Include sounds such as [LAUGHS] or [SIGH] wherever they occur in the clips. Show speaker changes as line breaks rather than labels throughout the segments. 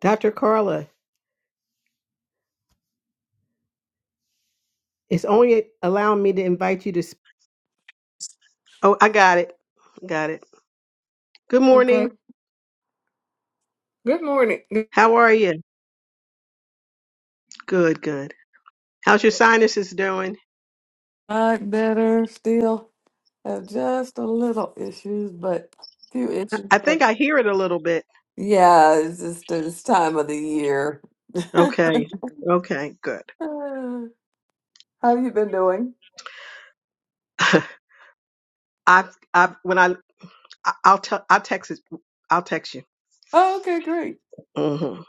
Dr. Carla, it's only allowing me to invite you to speak. Oh, I got it. Got it. Good morning.
Okay. Good morning. Good-
How are you? Good, good. How's your sinuses doing?
Not better. Still have just a little issues, but few issues.
I think
but-
I hear it a little bit.
Yeah, it's just this time of the year. [LAUGHS]
Okay. Okay, good.
How you been doing?
[LAUGHS] I I when I I- I'll tell I'll text it. I'll text you.
Oh, okay, great.
Mhm.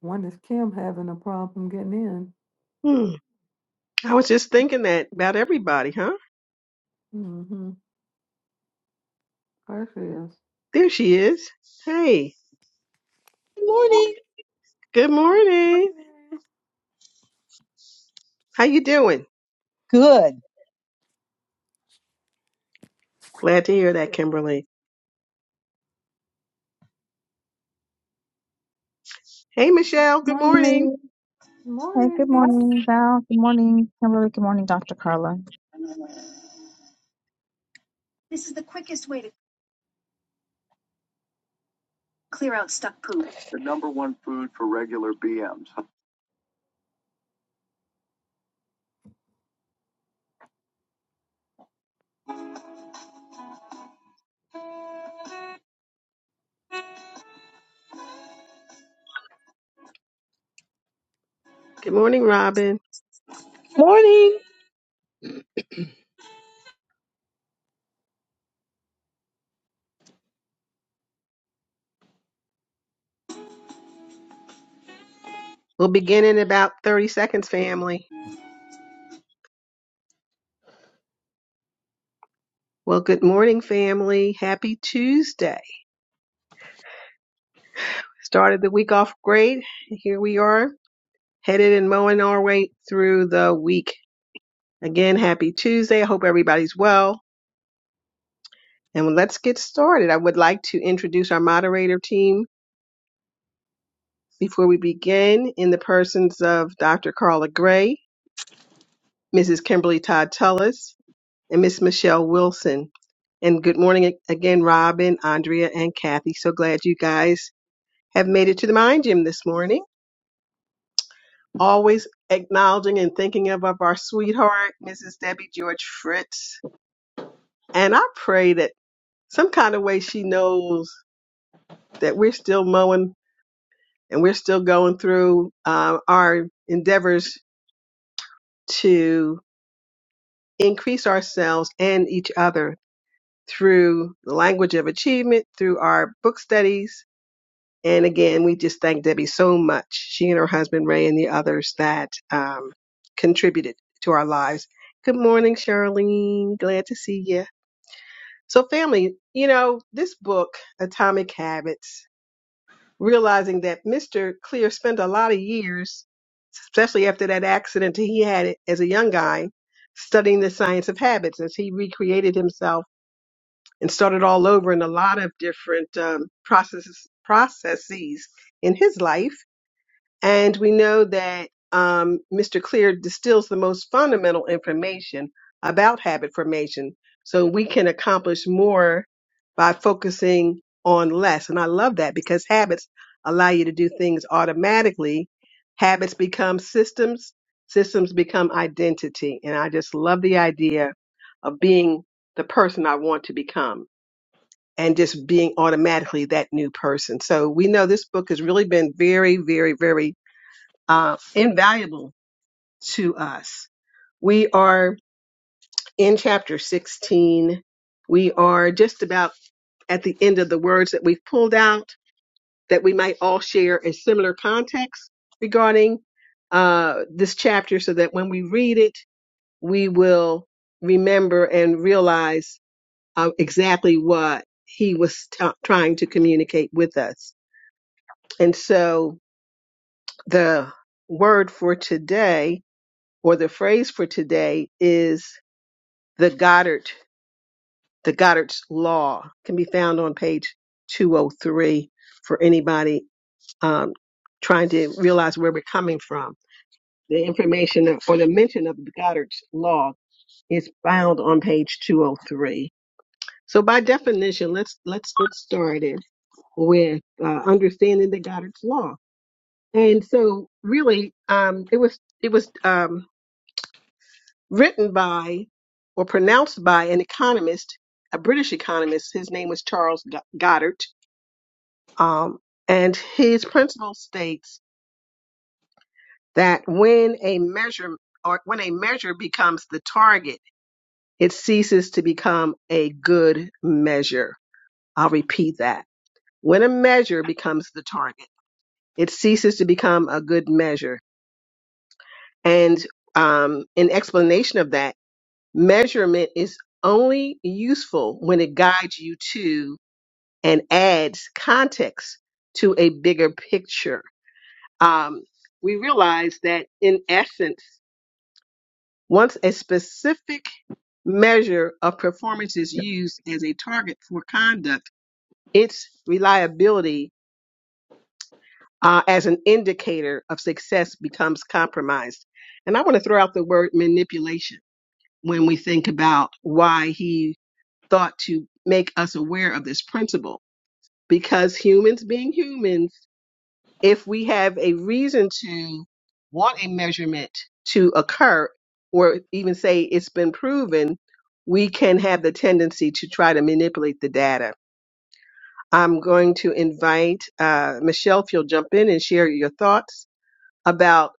When is Kim having a problem getting in?
Hmm. I was just thinking that about everybody, huh?
Mm-hmm. There she is.
There she is. Hey,
Good morning.
good morning.
Morning.
How you doing?
Good.
Glad to hear that, Kimberly. Hey, Michelle. Good
Morning,
morning.
lady. Hey, good
Morning.
morning, Val. Good morning, Kimberly. Good morning, Dr. Carla.
The number one food for regular BMs.
Good morning, Robin.
[LAUGHS] Morning.
We'll begin in about 30 seconds, family. Well, good morning, family. Happy Tuesday. Started the week off great. Here we are, headed and mowing our way through the week. Again, happy Tuesday. I hope everybody's well. And let's get started. I would like to introduce our moderator team before we begin in the persons of Dr. Carla Gray, Mrs. Kimberly Todd Tullis, and Miss Michelle Wilson. And good morning ag- again, Robin, Andrea, and Kathy. So glad you guys have made it to the mind gym this morning. Always acknowledging and thinking of, of our sweetheart, Mrs. Debbie George Fritz. And I pray that some kind of way she knows that we're still mowing and we're still going through uh, our endeavors to increase ourselves and each other through the language of achievement, through our book studies, And again, we just thank Debbie so much. She and her husband Ray and the others that um, contributed to our lives. Good morning, Charlene. Glad to see you. So, family, you know this book, Atomic Habits, realizing that Mr. Clear spent a lot of years, especially after that accident he had as a young guy, studying the science of habits as he recreated himself and started all over in a lot of different um, processes processes in his life and we know that um, Mr. Clear distills the most fundamental information about habit formation. So we can accomplish more by focusing on less. And I love that because habits allow you to do things automatically. Habits become systems, systems become identity. And I just love the idea of being the person I want to become and just being automatically that new person. So we know this book has really been very, very, very uh, invaluable to us. We are in chapter 16. We are just about at the end of the words that we've pulled out that we might all share a similar context regarding uh, this chapter so that when we read it, we will remember and realize uh, exactly what he was t- trying to communicate with us. And so the word for today or the phrase for today is the Goddard, the Goddard's Law can be found on page 203 for anybody um, trying to realize where we're coming from. The information of- or the mention of the Goddard's Law is found on page 203. So by definition, let's let's get started with uh, understanding the Goddard's Law. And so really, um, it was it was um, written by or pronounced by an economist, a British economist. His name was Charles Go- Goddard. Um, and his principle states that when a measure or when a measure becomes the target, it ceases to become a good measure. I'll repeat that. When a measure becomes the target, it ceases to become a good measure. And um, in explanation of that. Measurement is only useful when it guides you to and adds context to a bigger picture. Um, we realize that in essence, once a specific measure of performance is used as a target for conduct, its reliability uh, as an indicator of success becomes compromised. And I want to throw out the word manipulation when we think about why he thought to make us aware of this principle because humans being humans, if we have a reason to want a measurement to occur, or even say it's been proven, we can have the tendency to try to manipulate the data. I'm going to invite uh, Michelle, if you'll jump in and share your thoughts about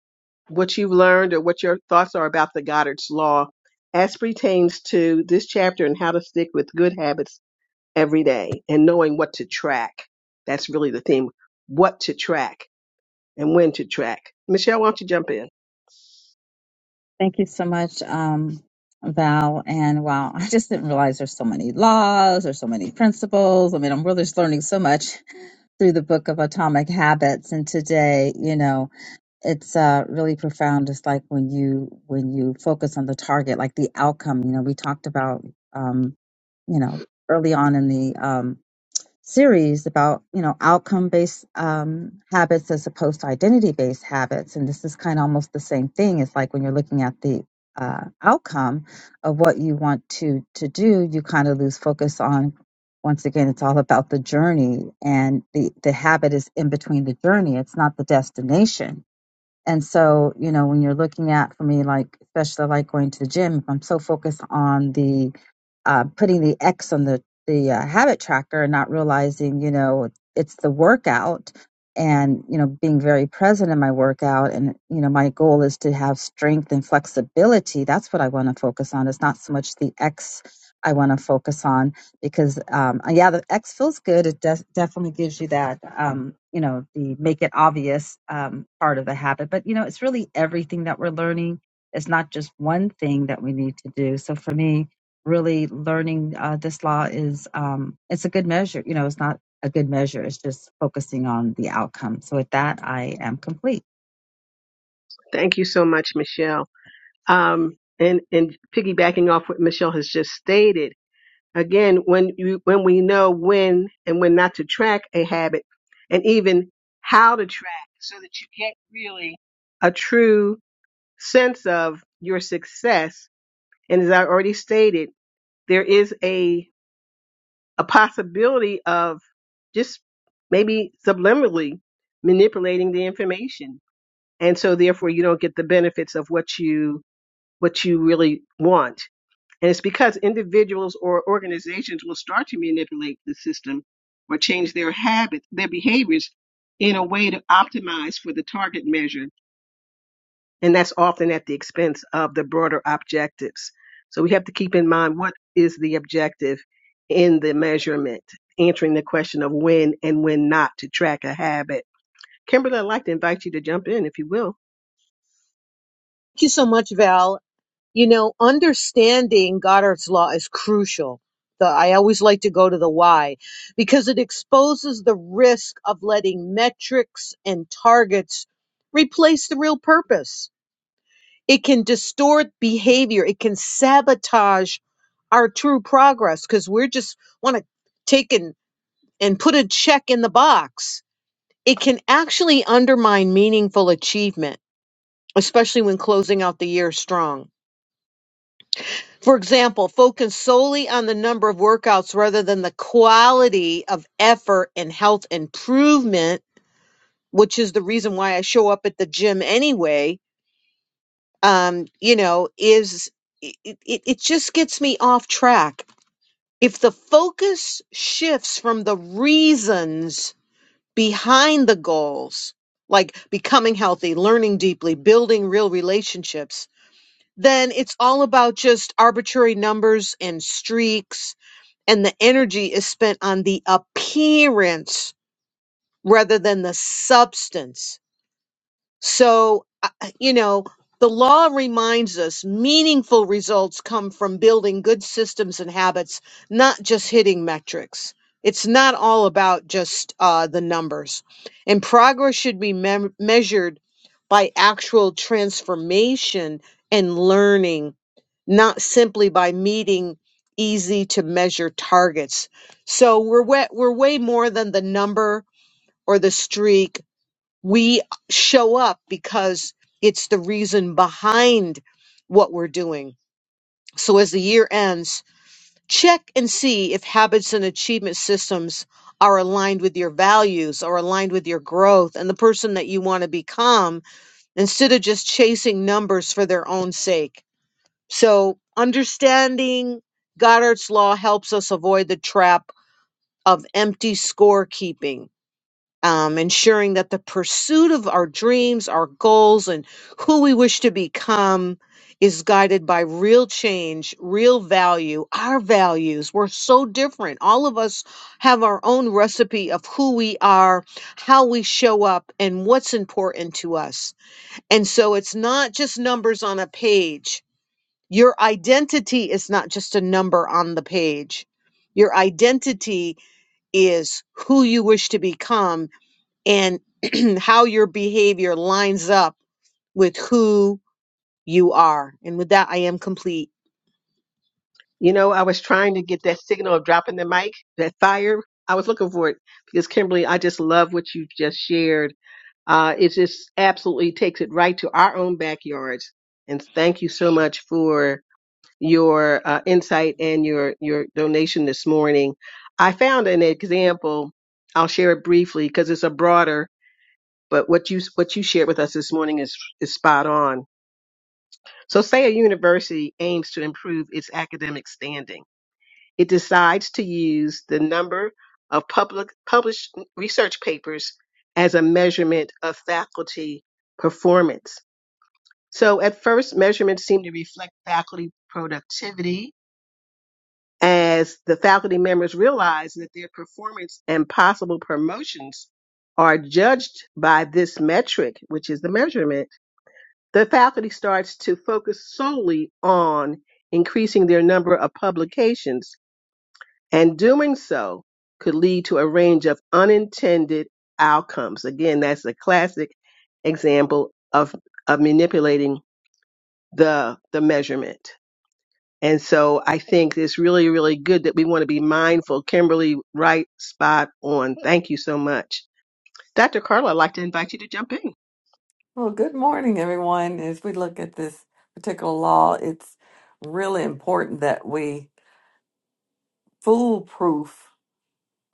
what you've learned or what your thoughts are about the Goddard's Law as pertains to this chapter and how to stick with good habits every day and knowing what to track. That's really the theme. What to track and when to track. Michelle, why don't you jump in?
Thank you so much, um, Val. And wow, I just didn't realize there's so many laws, there's so many principles. I mean, I'm really just learning so much [LAUGHS] through the book of Atomic Habits. And today, you know, it's uh, really profound. Just like when you when you focus on the target, like the outcome. You know, we talked about, um, you know, early on in the um, series about you know outcome based um, habits as opposed to identity based habits and this is kind of almost the same thing it's like when you're looking at the uh, outcome of what you want to to do you kind of lose focus on once again it's all about the journey and the the habit is in between the journey it's not the destination and so, you know, when you're looking at for me, like, especially like going to the gym, if I'm so focused on the uh, putting the X on the, the uh, habit tracker and not realizing, you know, it's the workout and, you know, being very present in my workout. And, you know, my goal is to have strength and flexibility. That's what I want to focus on. It's not so much the X I want to focus on because um uh, yeah the x feels good it des- definitely gives you that um you know the make it obvious um part of the habit but you know it's really everything that we're learning it's not just one thing that we need to do so for me really learning uh, this law is um it's a good measure you know it's not a good measure it's just focusing on the outcome so with that i am complete
Thank you so much, Michelle. Um, and, and piggybacking off what Michelle has just stated, again, when you, when we know when and when not to track a habit and even how to track so that you get really a true sense of your success. And as I already stated, there is a a possibility of just maybe subliminally manipulating the information and so therefore you don't get the benefits of what you what you really want and it's because individuals or organizations will start to manipulate the system or change their habits their behaviors in a way to optimize for the target measure and that's often at the expense of the broader objectives. So we have to keep in mind what is the objective in the measurement, answering the question of when and when not to track a habit. Kimberly, I'd like to invite you to jump in if you will.
Thank you so much, Val. You know, understanding Goddard's law is crucial. The, I always like to go to the why because it exposes the risk of letting metrics and targets replace the real purpose. It can distort behavior. It can sabotage our true progress because we're just want to take and, and put a check in the box. It can actually undermine meaningful achievement, especially when closing out the year strong. For example, focus solely on the number of workouts rather than the quality of effort and health improvement, which is the reason why I show up at the gym anyway. Um, you know, is it, it, it just gets me off track. If the focus shifts from the reasons behind the goals, like becoming healthy, learning deeply, building real relationships, then it's all about just arbitrary numbers and streaks. And the energy is spent on the appearance rather than the substance. So, I- you know, the law reminds us meaningful results come from building good systems and habits, not just hitting metrics. It's not all about just uh, the numbers. And progress should be mem- measured by actual transformation and learning, not simply by meeting easy to measure targets. So we're way, we're way more than the number or the streak we show up because it's the reason behind what we're doing. So as the year ends, check and see if habits and achievement systems are aligned with your values, are aligned with your growth and the person that you want to become instead of just chasing numbers for their own sake. So understanding Goddard's law helps us avoid the trap of empty scorekeeping um, ensuring that the pursuit of our dreams, our goals, and who we wish to become is guided by real change, real value, our values. We're so different. All of us have our own recipe of who we are, how we show up, and what's important to us. And so it's not just numbers on a page. Your identity is not just a number on the page. Your identity is who you wish to become and [CLEARS THROAT] how your behavior lines up with who you are. And with that, I am complete.
You know, I was trying to get that signal of dropping the mic, that fire. I was looking for it because Kimberly, I just love what you just shared. Uh, it just absolutely takes it right to our own backyards. And thank you so much for your uh, insight and your your donation this morning. I found an example. I'll share it briefly because it's a broader. But what you what you shared with us this morning is is spot on. So, say a university aims to improve its academic standing. It decides to use the number of public published research papers as a measurement of faculty performance. So at first, measurements seem to reflect faculty productivity as the faculty members realize that their performance and possible promotions are judged by this metric, which is the measurement. The faculty starts to focus solely on increasing their number of publications and doing so could lead to a range of unintended outcomes. Again, that's a classic example of, of manipulating the, the measurement. And so I think it's really, really good that we want to be mindful. Kimberly, right spot on. Thank you so much. Dr. Carla, I'd like to invite you to jump in.
Well, good morning, everyone. As we look at this particular law, it's really important that we foolproof.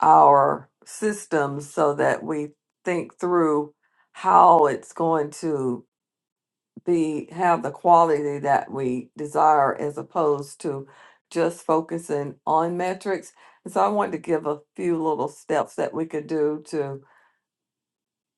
our systems so that we think through how it's going to be have the quality that we desire as opposed to just focusing on metrics. And so I wanted to give a few little steps that we could do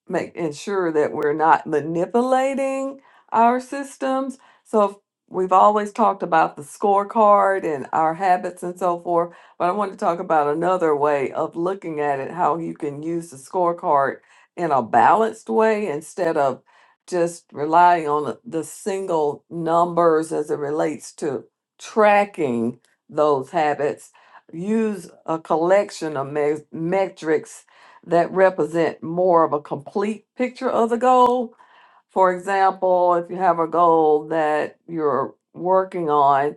make ensure that we're not manipulating our systems. So if- we've always talked about the scorecard and our habits and so forth, but I want to talk about another way of looking at it, how you can use the scorecard in a balanced way instead of just relying on the the single numbers as it relates to tracking those habits. Use a collection of me- metrics that represent more of a complete picture of the goal. For example, if you have a goal that you're working on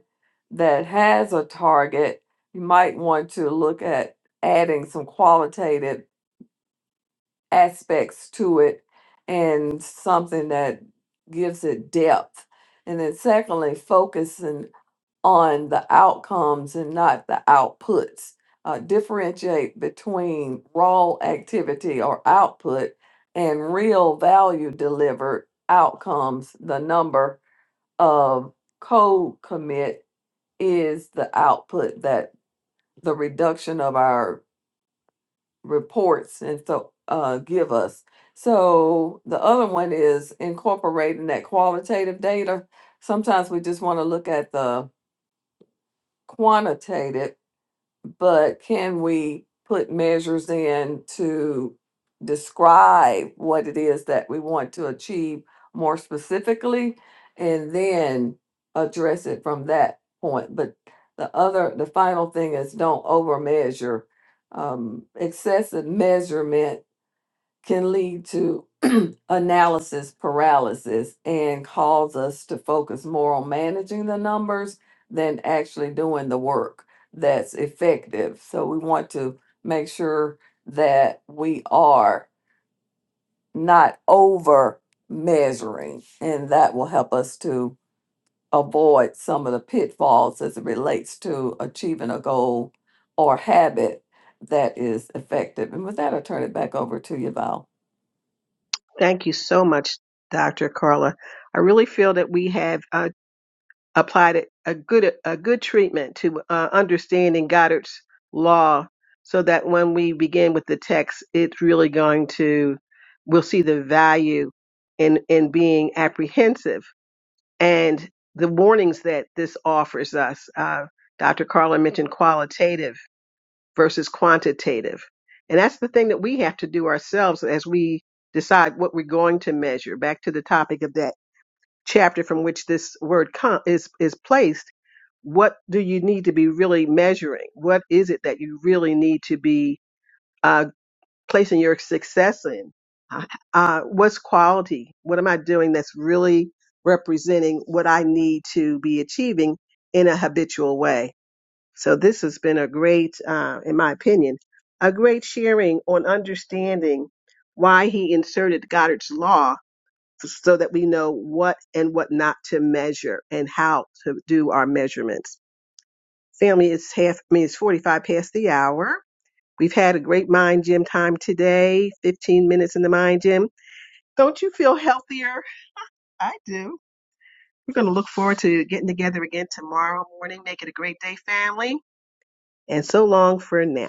that has a target, you might want to look at adding some qualitative aspects to it and something that gives it depth. And then, secondly, focusing on the outcomes and not the outputs. Uh, differentiate between raw activity or output and real value delivered outcomes. The number of code commit is the output that the reduction of our reports and so uh, give us. So the other one is incorporating that qualitative data. Sometimes we just want to look at the quantitative but can we put measures in to describe what it is that we want to achieve more specifically and then address it from that point? But the other, the final thing is don't over measure. Um, excessive measurement can lead to [CLEARS THROAT] analysis paralysis and cause us to focus more on managing the numbers than actually doing the work that's effective. So we want to make sure that we are not over measuring, and that will help us to avoid some of the pitfalls as it relates to achieving a goal or habit that is effective. And with that, i turn it back over to you, Val.
Thank you so much, Dr. Carla. I really feel that we have uh, applied a a good a good treatment to uh, understanding Goddard's law, so that when we begin with the text, it's really going to we'll see the value in in being apprehensive and the warnings that this offers us. Uh, Dr. Carla mentioned qualitative versus quantitative. And that's the thing that we have to do ourselves as we decide what we're going to measure. Back to the topic of that chapter from which this word com- is, is placed. What do you need to be really measuring? What is it that you really need to be? uh, placing your success in. Uh, uh, what's quality? What am I doing that's really representing what I need to be achieving in a habitual way? So this has been a great, uh, in my opinion, a great sharing on understanding why he inserted Goddard's law so that we know what and what not to measure and how to do our measurements. Family is half, I mean, it's 45 past the hour. We've had a great mind gym time today, 15 minutes in the mind gym. Don't you feel healthier? I do. We're going to look forward to getting together again tomorrow morning. Make it a great day, family. And so long for now.